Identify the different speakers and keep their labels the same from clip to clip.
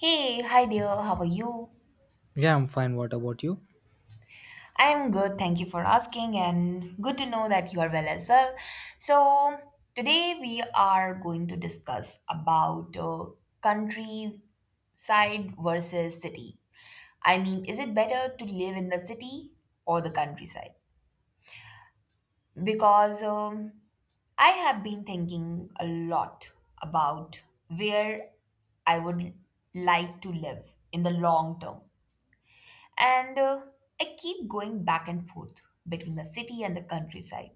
Speaker 1: Hey, hi dear, how are you?
Speaker 2: Yeah, I'm fine. What about you?
Speaker 1: I am good, thank you for asking, and good to know that you are well as well. So, today we are going to discuss about countryside versus city. I mean, is it better to live in the city or the countryside? Because I have been thinking a lot about where I would like to live in the long term. And I keep going back and forth between the city and the countryside.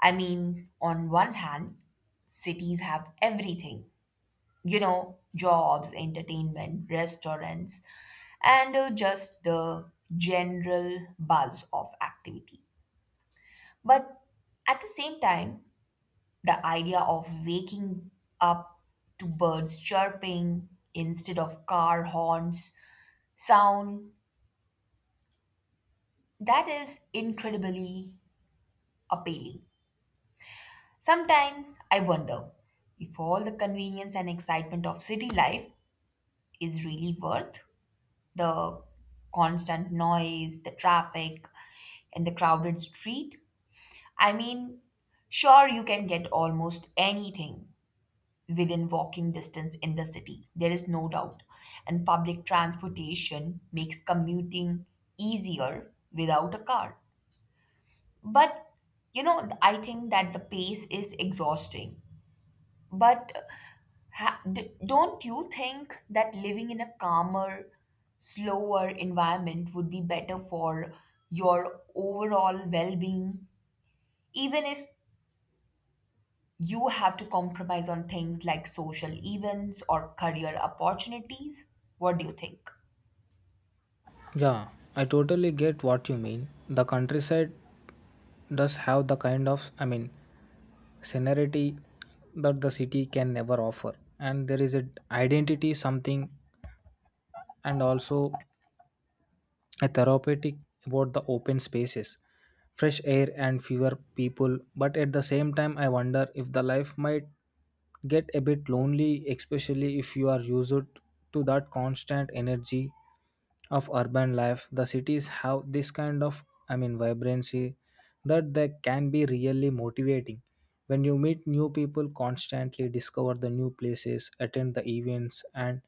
Speaker 1: I mean, on one hand, cities have everything, you know, jobs, entertainment, restaurants, and just the general buzz of activity. But at the same time, the idea of waking up to birds chirping instead of car horns sound, that is incredibly appealing. Sometimes I wonder if all the convenience and excitement of city life is really worth the constant noise, the traffic, and the crowded street. I mean, sure, you can get almost anything within walking distance in the city, there is no doubt. And public transportation makes commuting easier without a car. But you know, I think that the pace is exhausting. But don't you think that living in a calmer, slower environment would be better for your overall well being, even if you have to compromise on things like social events or career opportunities? What do you think?
Speaker 2: Yeah, I totally get what you mean. The countryside does have the kind of, scenery that the city can never offer. And there is an identity, something, and also a therapeutic about the open spaces, fresh air, and fewer people. But at the same time, I wonder if the life might get a bit lonely, especially if you are used to that constant energy of urban life. The cities have this kind of, vibrancy that they can be really motivating when you meet new people, constantly discover the new places, attend the events. And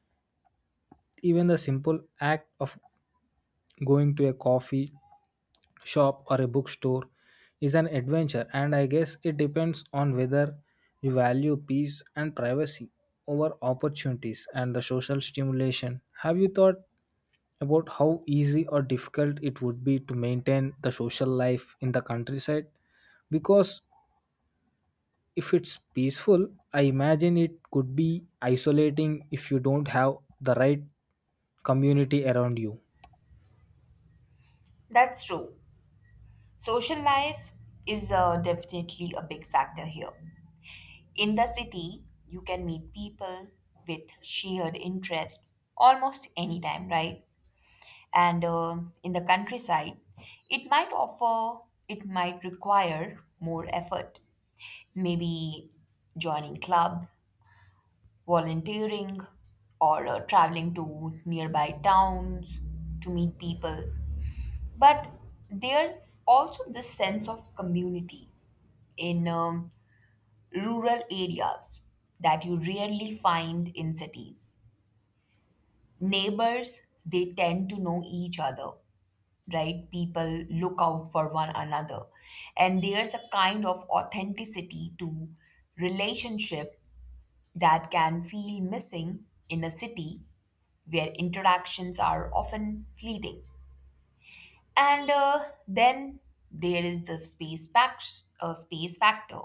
Speaker 2: even the simple act of going to a coffee shop or a bookstore is an adventure. And I guess it depends on whether you value peace and privacy over opportunities and the social stimulation. Have you thought about how easy or difficult it would be to maintain the social life in the countryside? Because if it's peaceful, I imagine it could be isolating if you don't have the right community around you.
Speaker 1: That's true. Social life is definitely a big factor here. In the city, you can meet people with shared interest almost anytime, right? And in the countryside, it might offer it might require more effort, maybe joining clubs, volunteering, or traveling to nearby towns to meet people. But there's also this sense of community in rural areas that you rarely find in cities. Neighbors, they tend to know each other, right? People look out for one another. And there's a kind of authenticity to relationship that can feel missing in a city where interactions are often fleeting. And then there is the space factor.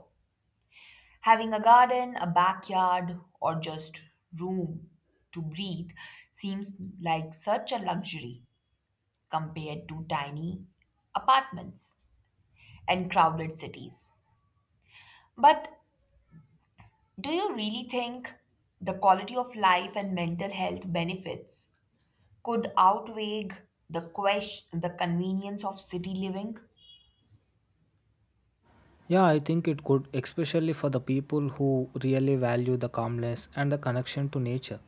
Speaker 1: Having a garden, a backyard, or just room to breathe seems like such a luxury compared to tiny apartments and crowded cities. But do you really think the quality of life and mental health benefits could outweigh the convenience of city living?
Speaker 2: Yeah, I think it could, especially for the people who really value the calmness and the connection to nature.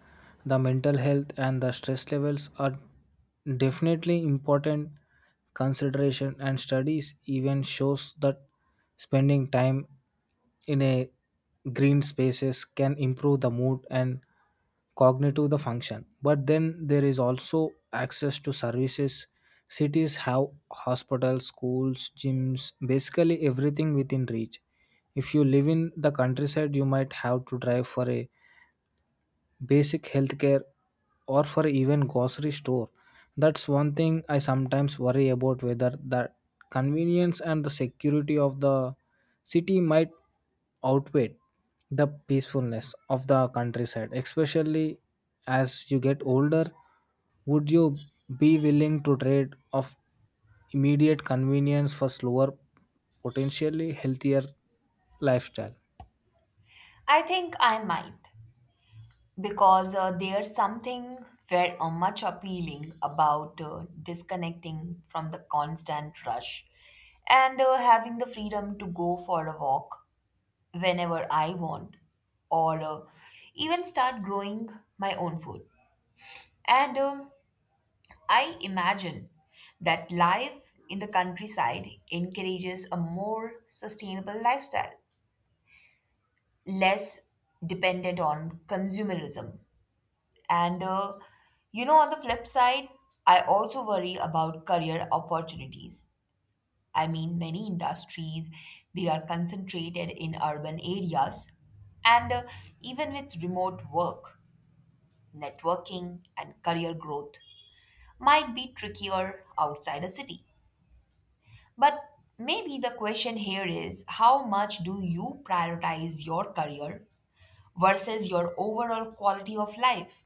Speaker 2: The mental health and the stress levels are definitely important consideration, and studies even shows that spending time in a green spaces can improve the mood and cognitive the function. But then there is also access to services. Cities have hospitals, schools, gyms, basically everything within reach. If you live in the countryside, you might have to drive for a basic healthcare or for even grocery store. That's one thing I sometimes worry about, whether the convenience and the security of the city might outweigh the peacefulness of the countryside, especially as you get older. Would you be willing to trade off immediate convenience for slower, potentially healthier lifestyle?
Speaker 1: I think I might, because there's something very much appealing about disconnecting from the constant rush, and having the freedom to go for a walk whenever I want, or even start growing my own food. And I imagine that life in the countryside encourages a more sustainable lifestyle, less dependent on consumerism. And you know, on the flip side, I also worry about career opportunities. I mean, many industries, they are concentrated in urban areas, and even with remote work, networking and career growth might be trickier outside a city. But maybe the question here is, how much do you prioritize your career versus your overall quality of life?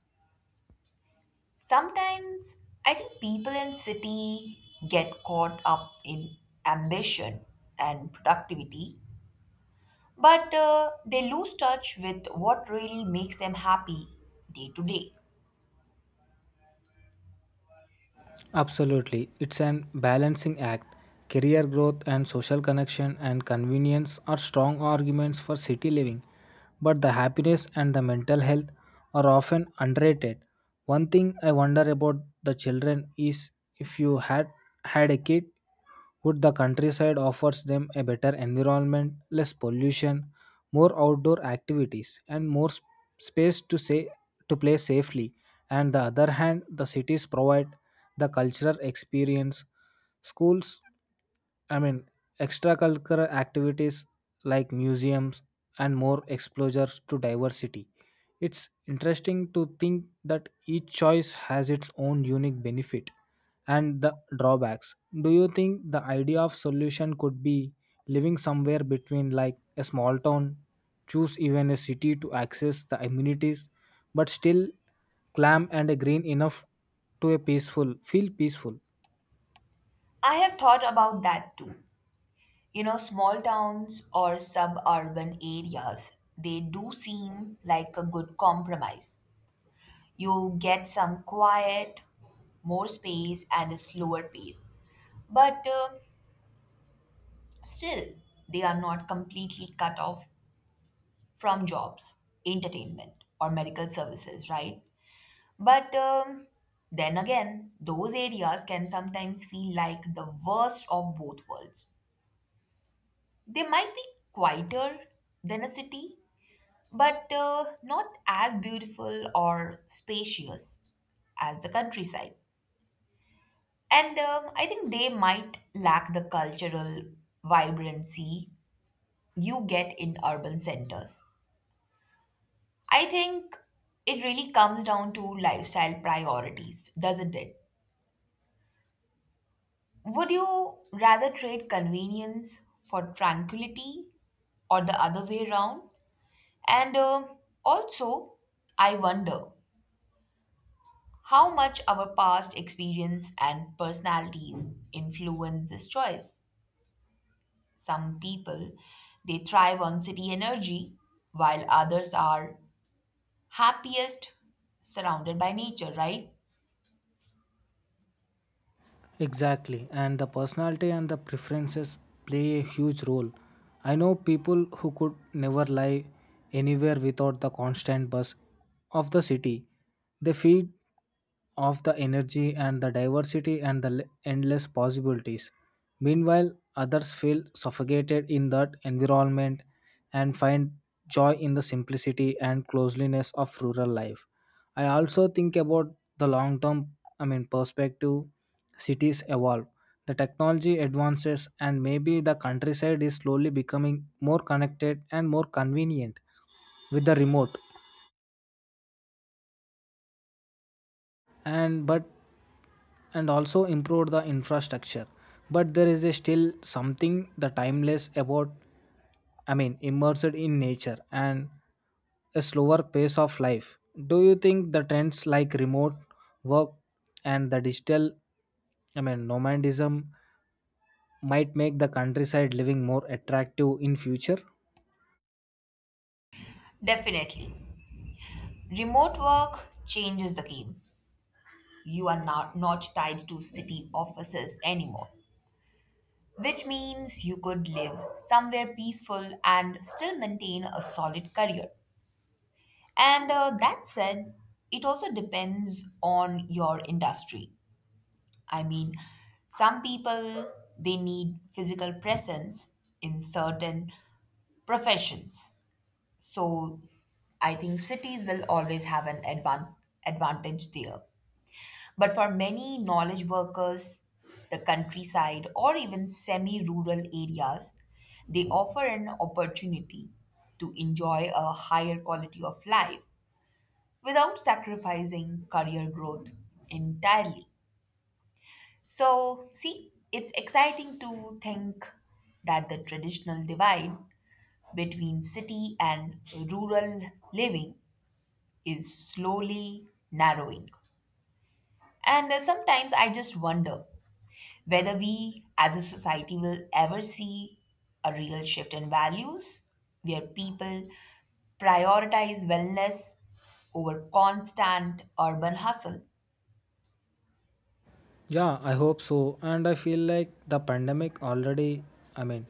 Speaker 1: Sometimes I think people in city get caught up in ambition and productivity, but they lose touch with what really makes them happy day to day.
Speaker 2: Absolutely. It's an balancing act. Career growth and social connection and convenience are strong arguments for city living, but the happiness and the mental health are often underrated. One thing I wonder about the children is if you had had a kid, would the countryside offers them a better environment, less pollution, more outdoor activities, and more space to say to play safely. And the other hand, the cities provide the cultural experience, schools, I mean, extracurricular activities like museums and more exposures to diversity. It's interesting to think that each choice has its own unique benefit and the drawbacks. Do you think the idea of solution could be living somewhere between, like a small town, choose even a city to access the amenities, but still clam and a green enough to a peaceful feel peaceful?
Speaker 1: I have thought about that too. You know, small towns or suburban areas, they do seem like a good compromise. You get some quiet, more space, and a slower pace. But still, they are not completely cut off from jobs, entertainment, or medical services, right? But then again, those areas can sometimes feel like the worst of both worlds. They might be quieter than a city, but not as beautiful or spacious as the countryside. And I think they might lack the cultural vibrancy you get in urban centers. I think it really comes down to lifestyle priorities, doesn't it? Would you rather trade convenience for tranquility or the other way around? And also, I wonder how much our past experience and personalities influence this choice. Some people, they thrive on city energy, while others are happiest surrounded by nature, right?
Speaker 2: Exactly, and the personality and the preferences play a huge role. I know people who could never live anywhere without the constant buzz of the city. They feed off the energy and the diversity and the endless possibilities. Meanwhile, others feel suffocated in that environment and find joy in the simplicity and closeliness of rural life. I also think about the long term, perspective. Cities evolve, the technology advances, and maybe the countryside is slowly becoming more connected and more convenient with the remote and but and also improved the infrastructure. But there is a still something the timeless about, immersed in nature and a slower pace of life. Do you think the trends like remote work and the digital, nomadism, might make the countryside living more attractive in future?
Speaker 1: Definitely. Remote work changes the game. You are not tied to city offices anymore, which means you could live somewhere peaceful and still maintain a solid career. And that said, it also depends on your industry. I mean, some people, they need physical presence in certain professions. So I think cities will always have an advantage there. But for many knowledge workers, the countryside or even semi rural areas, they offer an opportunity to enjoy a higher quality of life without sacrificing career growth entirely. So, see, it's exciting to think that the traditional divide between city and rural living is slowly narrowing. And sometimes I just wonder whether we as a society will ever see a real shift in values where people prioritize wellness over constant urban hustle.
Speaker 2: Yeah, I hope so. And I feel like the pandemic already, i mean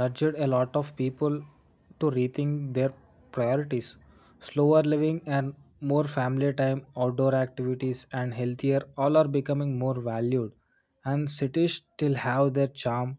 Speaker 2: nudged a lot of people to rethink their priorities. Slower living and more family time, outdoor activities, and healthier all are becoming more valued. And cities still have their charm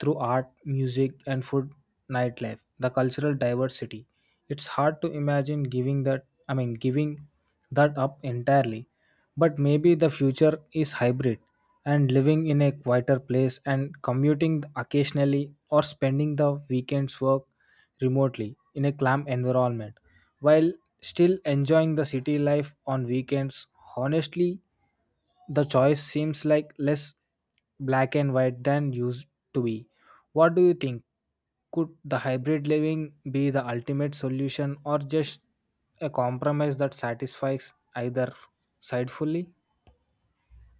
Speaker 2: through art, music, and food, nightlife, the cultural diversity. It's hard to imagine giving that, giving that up entirely. But maybe the future is hybrid and living in a quieter place and commuting occasionally or spending the weekends work remotely in a calm environment while still enjoying the city life on weekends. Honestly, the choice seems like less black and white than used to be. What do you think? Could the hybrid living be the ultimate solution or just a compromise that satisfies either side fully?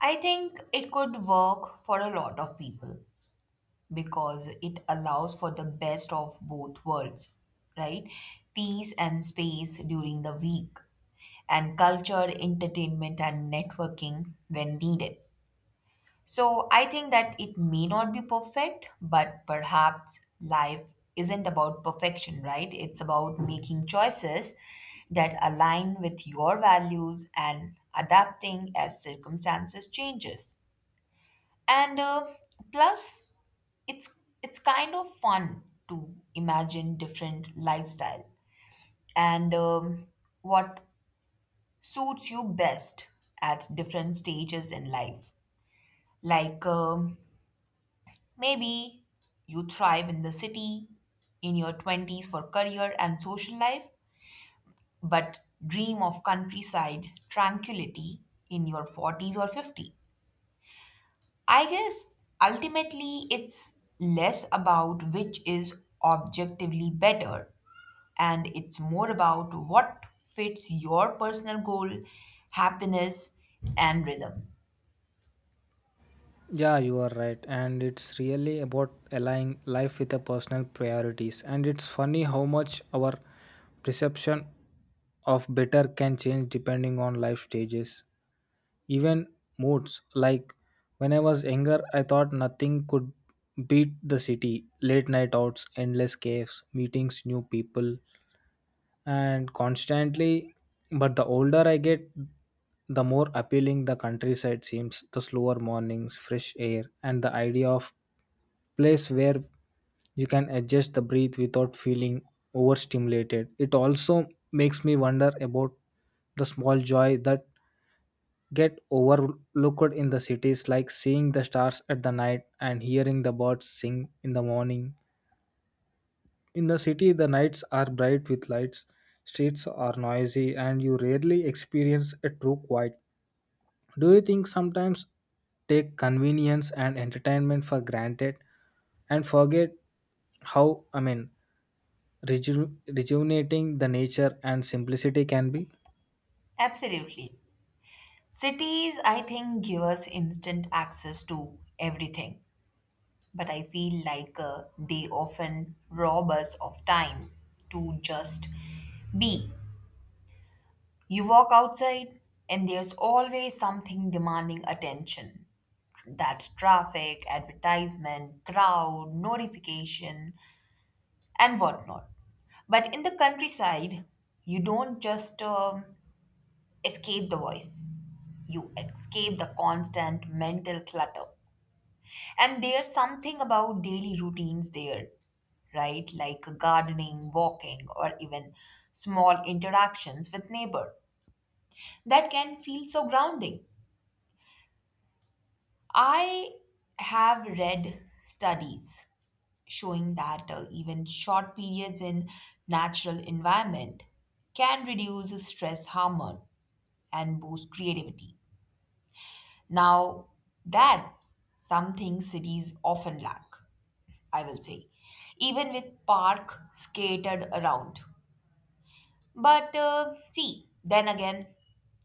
Speaker 1: I think it could work for a lot of people because it allows for the best of both worlds, right? Peace and space during the week, and culture, entertainment, and networking when needed. So I think that it may not be perfect, but perhaps life isn't about perfection, right? It's about making choices that align with your values and adapting as circumstances changes. And plus, it's it's kind of fun to imagine different lifestyle, and what suits you best at different stages in life, like maybe you thrive in the city in your 20s for career and social life, but dream of countryside tranquility in your 40s or 50. I guess ultimately it's less about which is objectively better, and it's more about what fits your personal goal, happiness, and rhythm.
Speaker 2: Yeah, you are right. And it's really about aligning life with the personal priorities. And it's funny how much our perception of better can change depending on life stages. Even moods, like when I was younger, I thought nothing could beat the city, late night outs, endless caves, meetings new people and constantly. But the older I get, the more appealing the countryside seems. The slower mornings, fresh air, and the idea of place where you can adjust the breath without feeling overstimulated. It also makes me wonder about the small joy that get overlooked in the cities, like seeing the stars at the night and hearing the birds sing in the morning. In the city the nights are bright with lights, streets are noisy, and you rarely experience a true quiet. Do you think sometimes take convenience and entertainment for granted and forget how, i mean rejuvenating the nature and simplicity can be?
Speaker 1: Absolutely. Cities, I think, give us instant access to everything, but I feel like they often rob us of time to just be. You walk outside, and there's always something demanding attention, that traffic, advertisement, crowd, notification, and whatnot. But in the countryside, you don't just escape the voice, you escape the constant mental clutter. And there's something about daily routines there, right? Like gardening, walking, or even small interactions with neighbor that can feel so grounding. I have read studies showing that even short periods in natural environment can reduce stress hormone and boost creativity. Now, that's something cities often lack, I will say, even with park scattered around. But see, then again,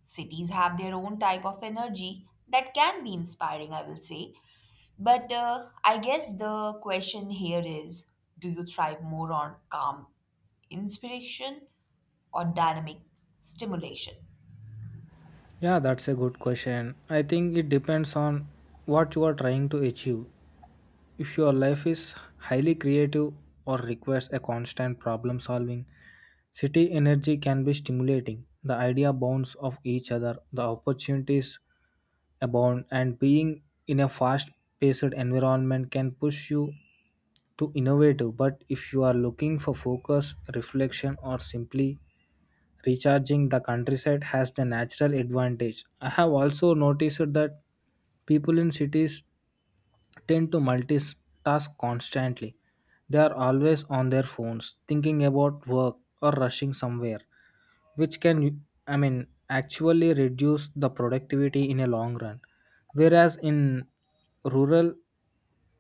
Speaker 1: cities have their own type of energy that can be inspiring, I will say. But I guess the question here is, do you thrive more on calm inspiration or dynamic stimulation?
Speaker 2: Yeah, that's a good question. I think it depends on what you are trying to achieve. If your life is highly creative or requires a constant problem solving, city energy can be stimulating. The idea bounce off each other, the opportunities abound, and being in a fast paced environment can push you to innovative. But if you are looking for focus, reflection, or simply recharging, the countryside has the natural advantage. I have also noticed that people in cities tend to multitask constantly. They are always on their phones, thinking about work or rushing somewhere, which can, actually reduce the productivity in a long run. Whereas in rural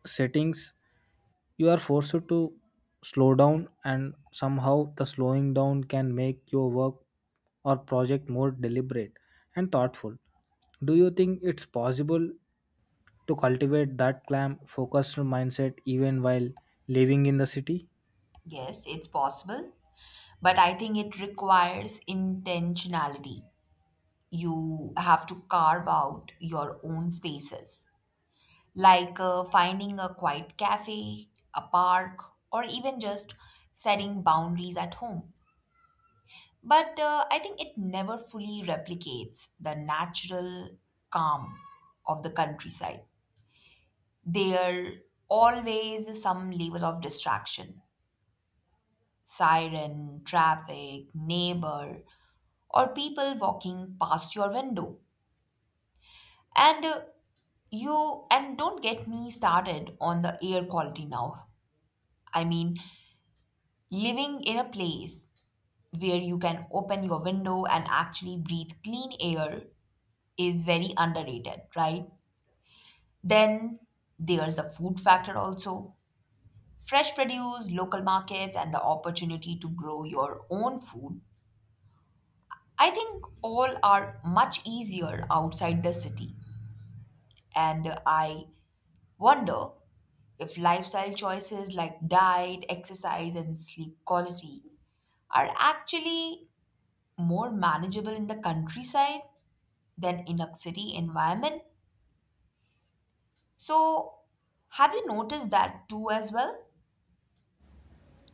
Speaker 2: settings, you are forced to slow down, and somehow the slowing down can make your work or project more deliberate and thoughtful. Do you think it's possible to cultivate that calm focused mindset even while living in the city?
Speaker 1: Yes, it's possible, but I think it requires intentionality. You have to carve out your own spaces, like finding a quiet cafe, a park, or even just setting boundaries at home. But I think it never fully replicates the natural calm of the countryside. There always is some level of distraction, siren, traffic, neighbor, or people walking past your window. And you and don't get me started on the air quality now. I mean, living in a place where you can open your window and actually breathe clean air is very underrated, right? Then there's the food factor also. Fresh produce, local markets, and the opportunity to grow your own food, I think all are much easier outside the city. And I wonder if lifestyle choices like diet, exercise, and sleep quality are actually more manageable in the countryside than in a city environment. So, have you noticed that too as well?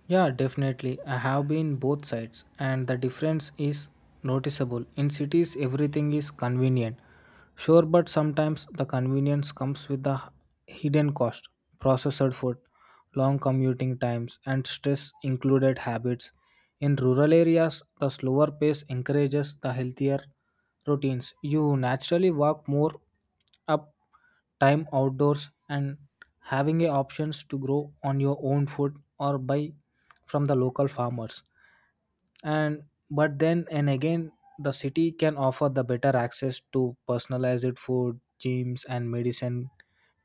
Speaker 2: Yeah, definitely. I have been both sides, and the difference is noticeable. In cities, everything is convenient, sure, but sometimes the convenience comes with the hidden cost. Processed food, long commuting times, and stress included habits. In rural areas, the slower pace encourages the healthier routines. You naturally walk more, up time outdoors, and having a options to grow on your own food or buy from the local farmers. And but then and again, the city can offer the better access to personalized food, gyms, and medicine,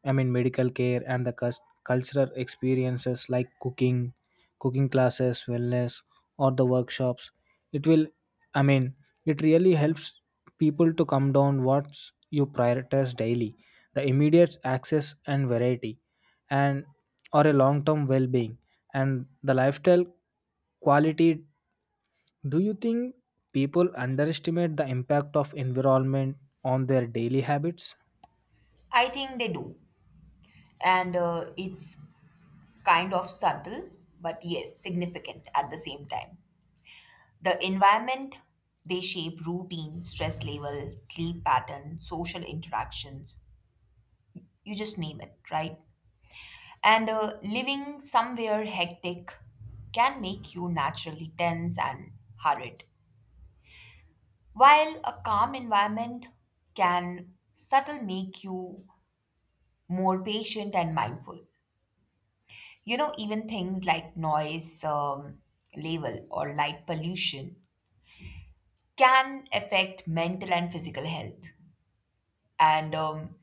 Speaker 2: medical care, and the cultural experiences like cooking classes, wellness, or the workshops. It will, i mean it really helps people to come down what you prioritize daily: the immediate access and variety, and or a long term well being and the lifestyle quality. Do you think people underestimate the impact of environment on their daily habits?
Speaker 1: I think they do. And it's kind of subtle, but yes, significant at the same time. The environment, they shape routine, stress level, sleep pattern, social interactions, you just name it, right? And living somewhere hectic can make you naturally tense and hurried, while a calm environment can subtle make you more patient and mindful. You know, even things like noise level or light pollution can affect mental and physical health, and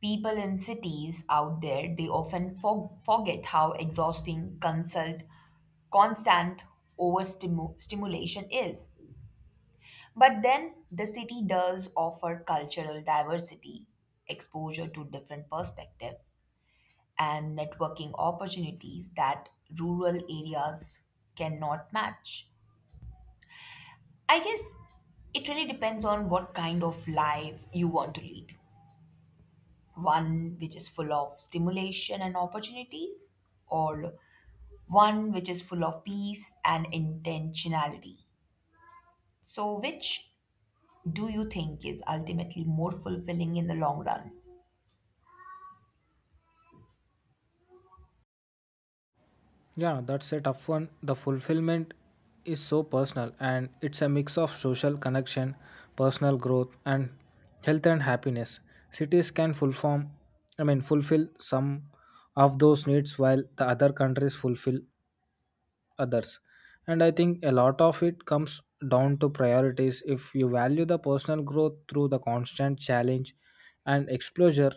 Speaker 1: people in cities out there, they often forget how exhausting consult constant overstimulation is. But then the city does offer cultural diversity, exposure to different perspective, and networking opportunities that rural areas cannot match. I guess it really depends on what kind of life you want to lead, one which is full of stimulation and opportunities, or one which is full of peace and intentionality. So, which do you think is ultimately more fulfilling in the long run?
Speaker 2: Yeah, that's a tough one. The fulfillment is so personal, and it's a mix of social connection, personal growth, and health and happiness. Cities can fulfill, fulfill some of those needs while the other countries fulfill others. And I think a lot of it comes down to priorities. If you value the personal growth through the constant challenge and exposure,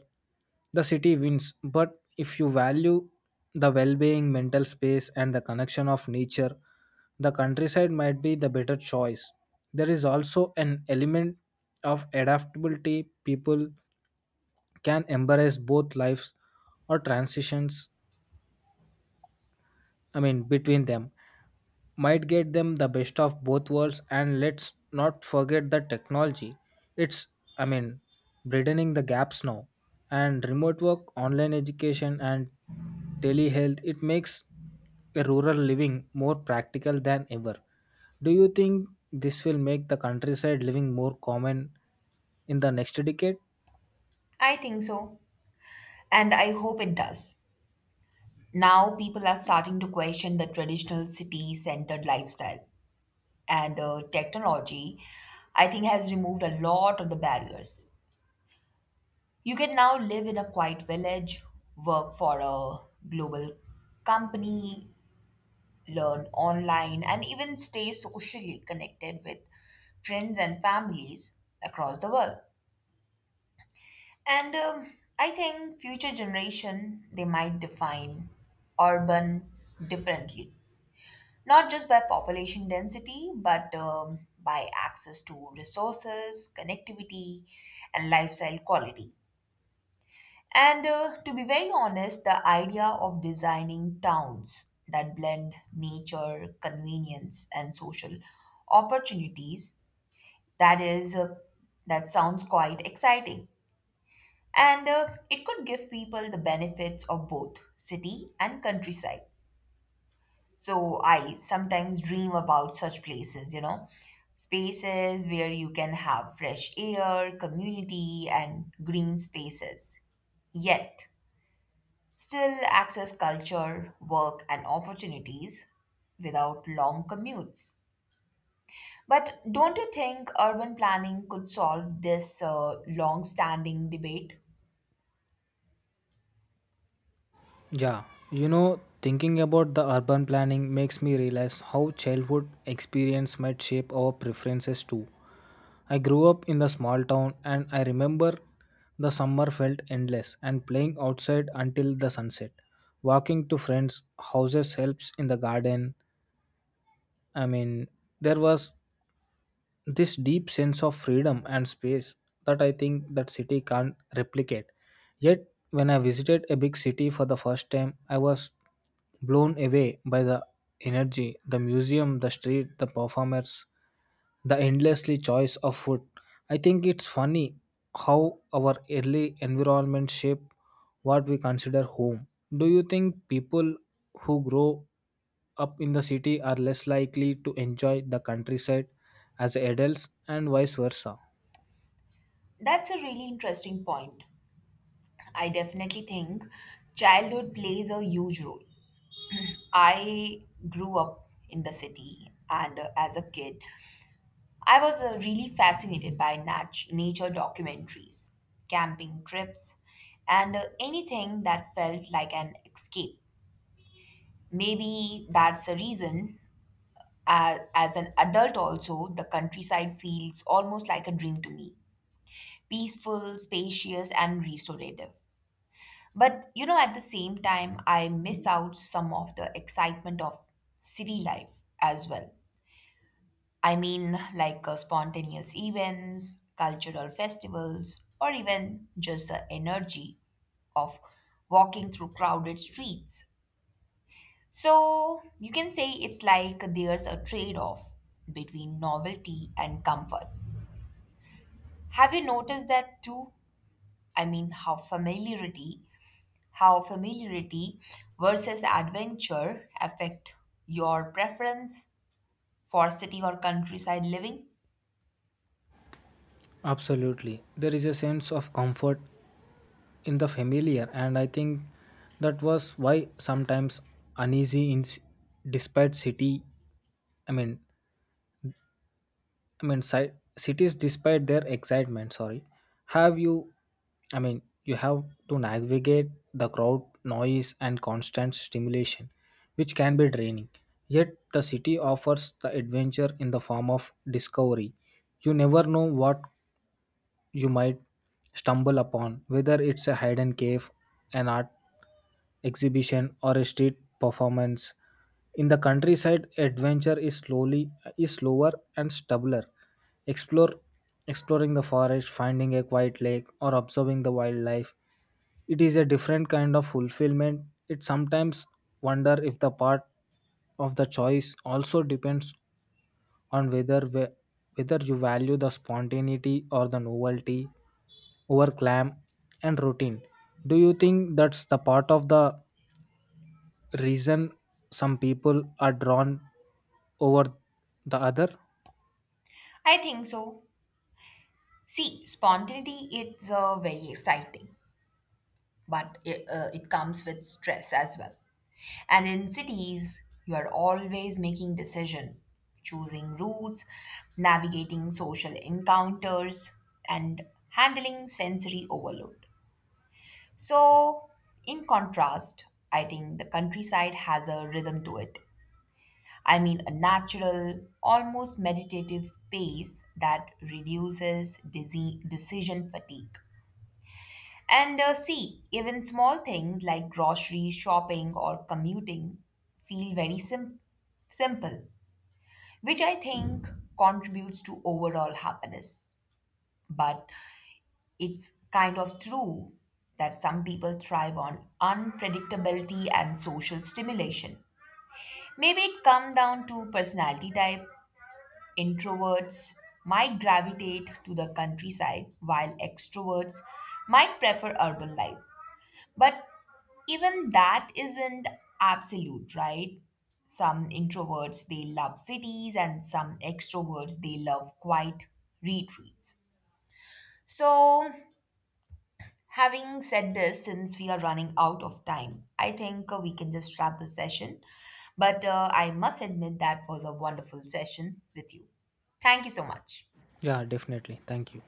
Speaker 2: the city wins. But if you value the well being, mental space, and the connection of nature, the countryside might be the better choice. There is also an element of adaptability. People can embrace both lives or transitions, between them, might get them the best of both worlds. And let's not forget the technology. It's, I mean, broadening the gaps now. And remote work, online education, and telehealth, it makes a rural living more practical than ever. Do you think this will make the countryside living more common in the next decade?
Speaker 1: I think so, and I hope it does. Now, people are starting to question the traditional city centered lifestyle, and technology, I think, has removed a lot of the barriers. You can now live in a quiet village, work for a global company, learn online, and even stay socially connected with friends and families across the world. And I think future generation, they might define urban differently, not just by population density, but by access to resources, connectivity, and lifestyle quality. And to be very honest, the idea of designing towns that blend nature, convenience, and social opportunities, that is uh, that sounds quite exciting. And it could give people the benefits of both city and countryside. So I sometimes dream about such places, you know, spaces where you can have fresh air, community, and green spaces. Yet, still access culture, work, and opportunities without long commutes. But don't you think urban planning could solve this long standing debate?
Speaker 2: Yeah, you know, thinking about the urban planning makes me realize how childhood experience might shape our preferences too. I grew up in a small town, and I remember the summer felt endless and playing outside until the sunset. Walking to friends' houses, helps in the garden. I mean, there was this deep sense of freedom and space that I think that city can't replicate. Yet when I visited a big city for the first time, I was blown away by the energy, the museum, the street, the performers, the endlessly choice of food. I think it's funny how our early environment shape what we consider home. Do you think people who grow up in the city are less likely to enjoy the countryside as adults and vice versa?
Speaker 1: That's a really interesting point. I definitely think childhood plays a huge role. I grew up in the city, and as a kid, I was really fascinated by nature documentaries, camping trips, and anything that felt like an escape. Maybe that's the reason, as an adult, also, the countryside feels almost like a dream to me, peaceful, spacious, and restorative. But you know, at the same time, I miss out some of the excitement of city life as well. I mean, like spontaneous events, cultural festivals, or even just the energy of walking through crowded streets. So, you can say it's like there's a trade off between novelty and comfort. Have you noticed that too? I mean, how familiarity versus adventure affect your preference for city or countryside living?
Speaker 2: Absolutely. There is a sense of comfort in the familiar, and I think that was why sometimes uneasy in despite city, I mean I mean ci- cities despite their excitement, sorry. Have you I mean you have to navigate the crowd noise and constant stimulation, which can be draining. Yet the city offers the adventure in the form of discovery. You never know what you might stumble upon, whether it's a hidden cave, an art exhibition, or a street performance. In the countryside, adventure is slowly is slower and stubbler. Explore Exploring the forest, finding a quiet lake, or observing the wildlife. It is a different kind of fulfillment. It sometimes wonder if the part of the choice also depends on whether you value the spontaneity or the novelty over clam and routine. Do you think that's the part of the reason some people are drawn over the other?
Speaker 1: I think so. See, spontaneity is very exciting, but it comes with stress as well. And in cities, you are always making decision, choosing routes, navigating social encounters, and handling sensory overload. So, in contrast, I think the countryside has a rhythm to it. I mean, a natural, almost meditative pace that reduces decision fatigue. And see, even small things like grocery shopping or commuting feel very simple, which I think contributes to overall happiness. But it's kind of true that some people thrive on unpredictability and social stimulation. Maybe it comes down to personality type. Introverts might gravitate to the countryside, while extroverts might prefer urban life. But even that isn't absolute, right? Some introverts, they love cities, and some extroverts, they love quiet retreats. So, having said this, since we are running out of time, I think we can just wrap the session. But I must admit that was a wonderful session with you. Thank you so much.
Speaker 2: Yeah, definitely. Thank you.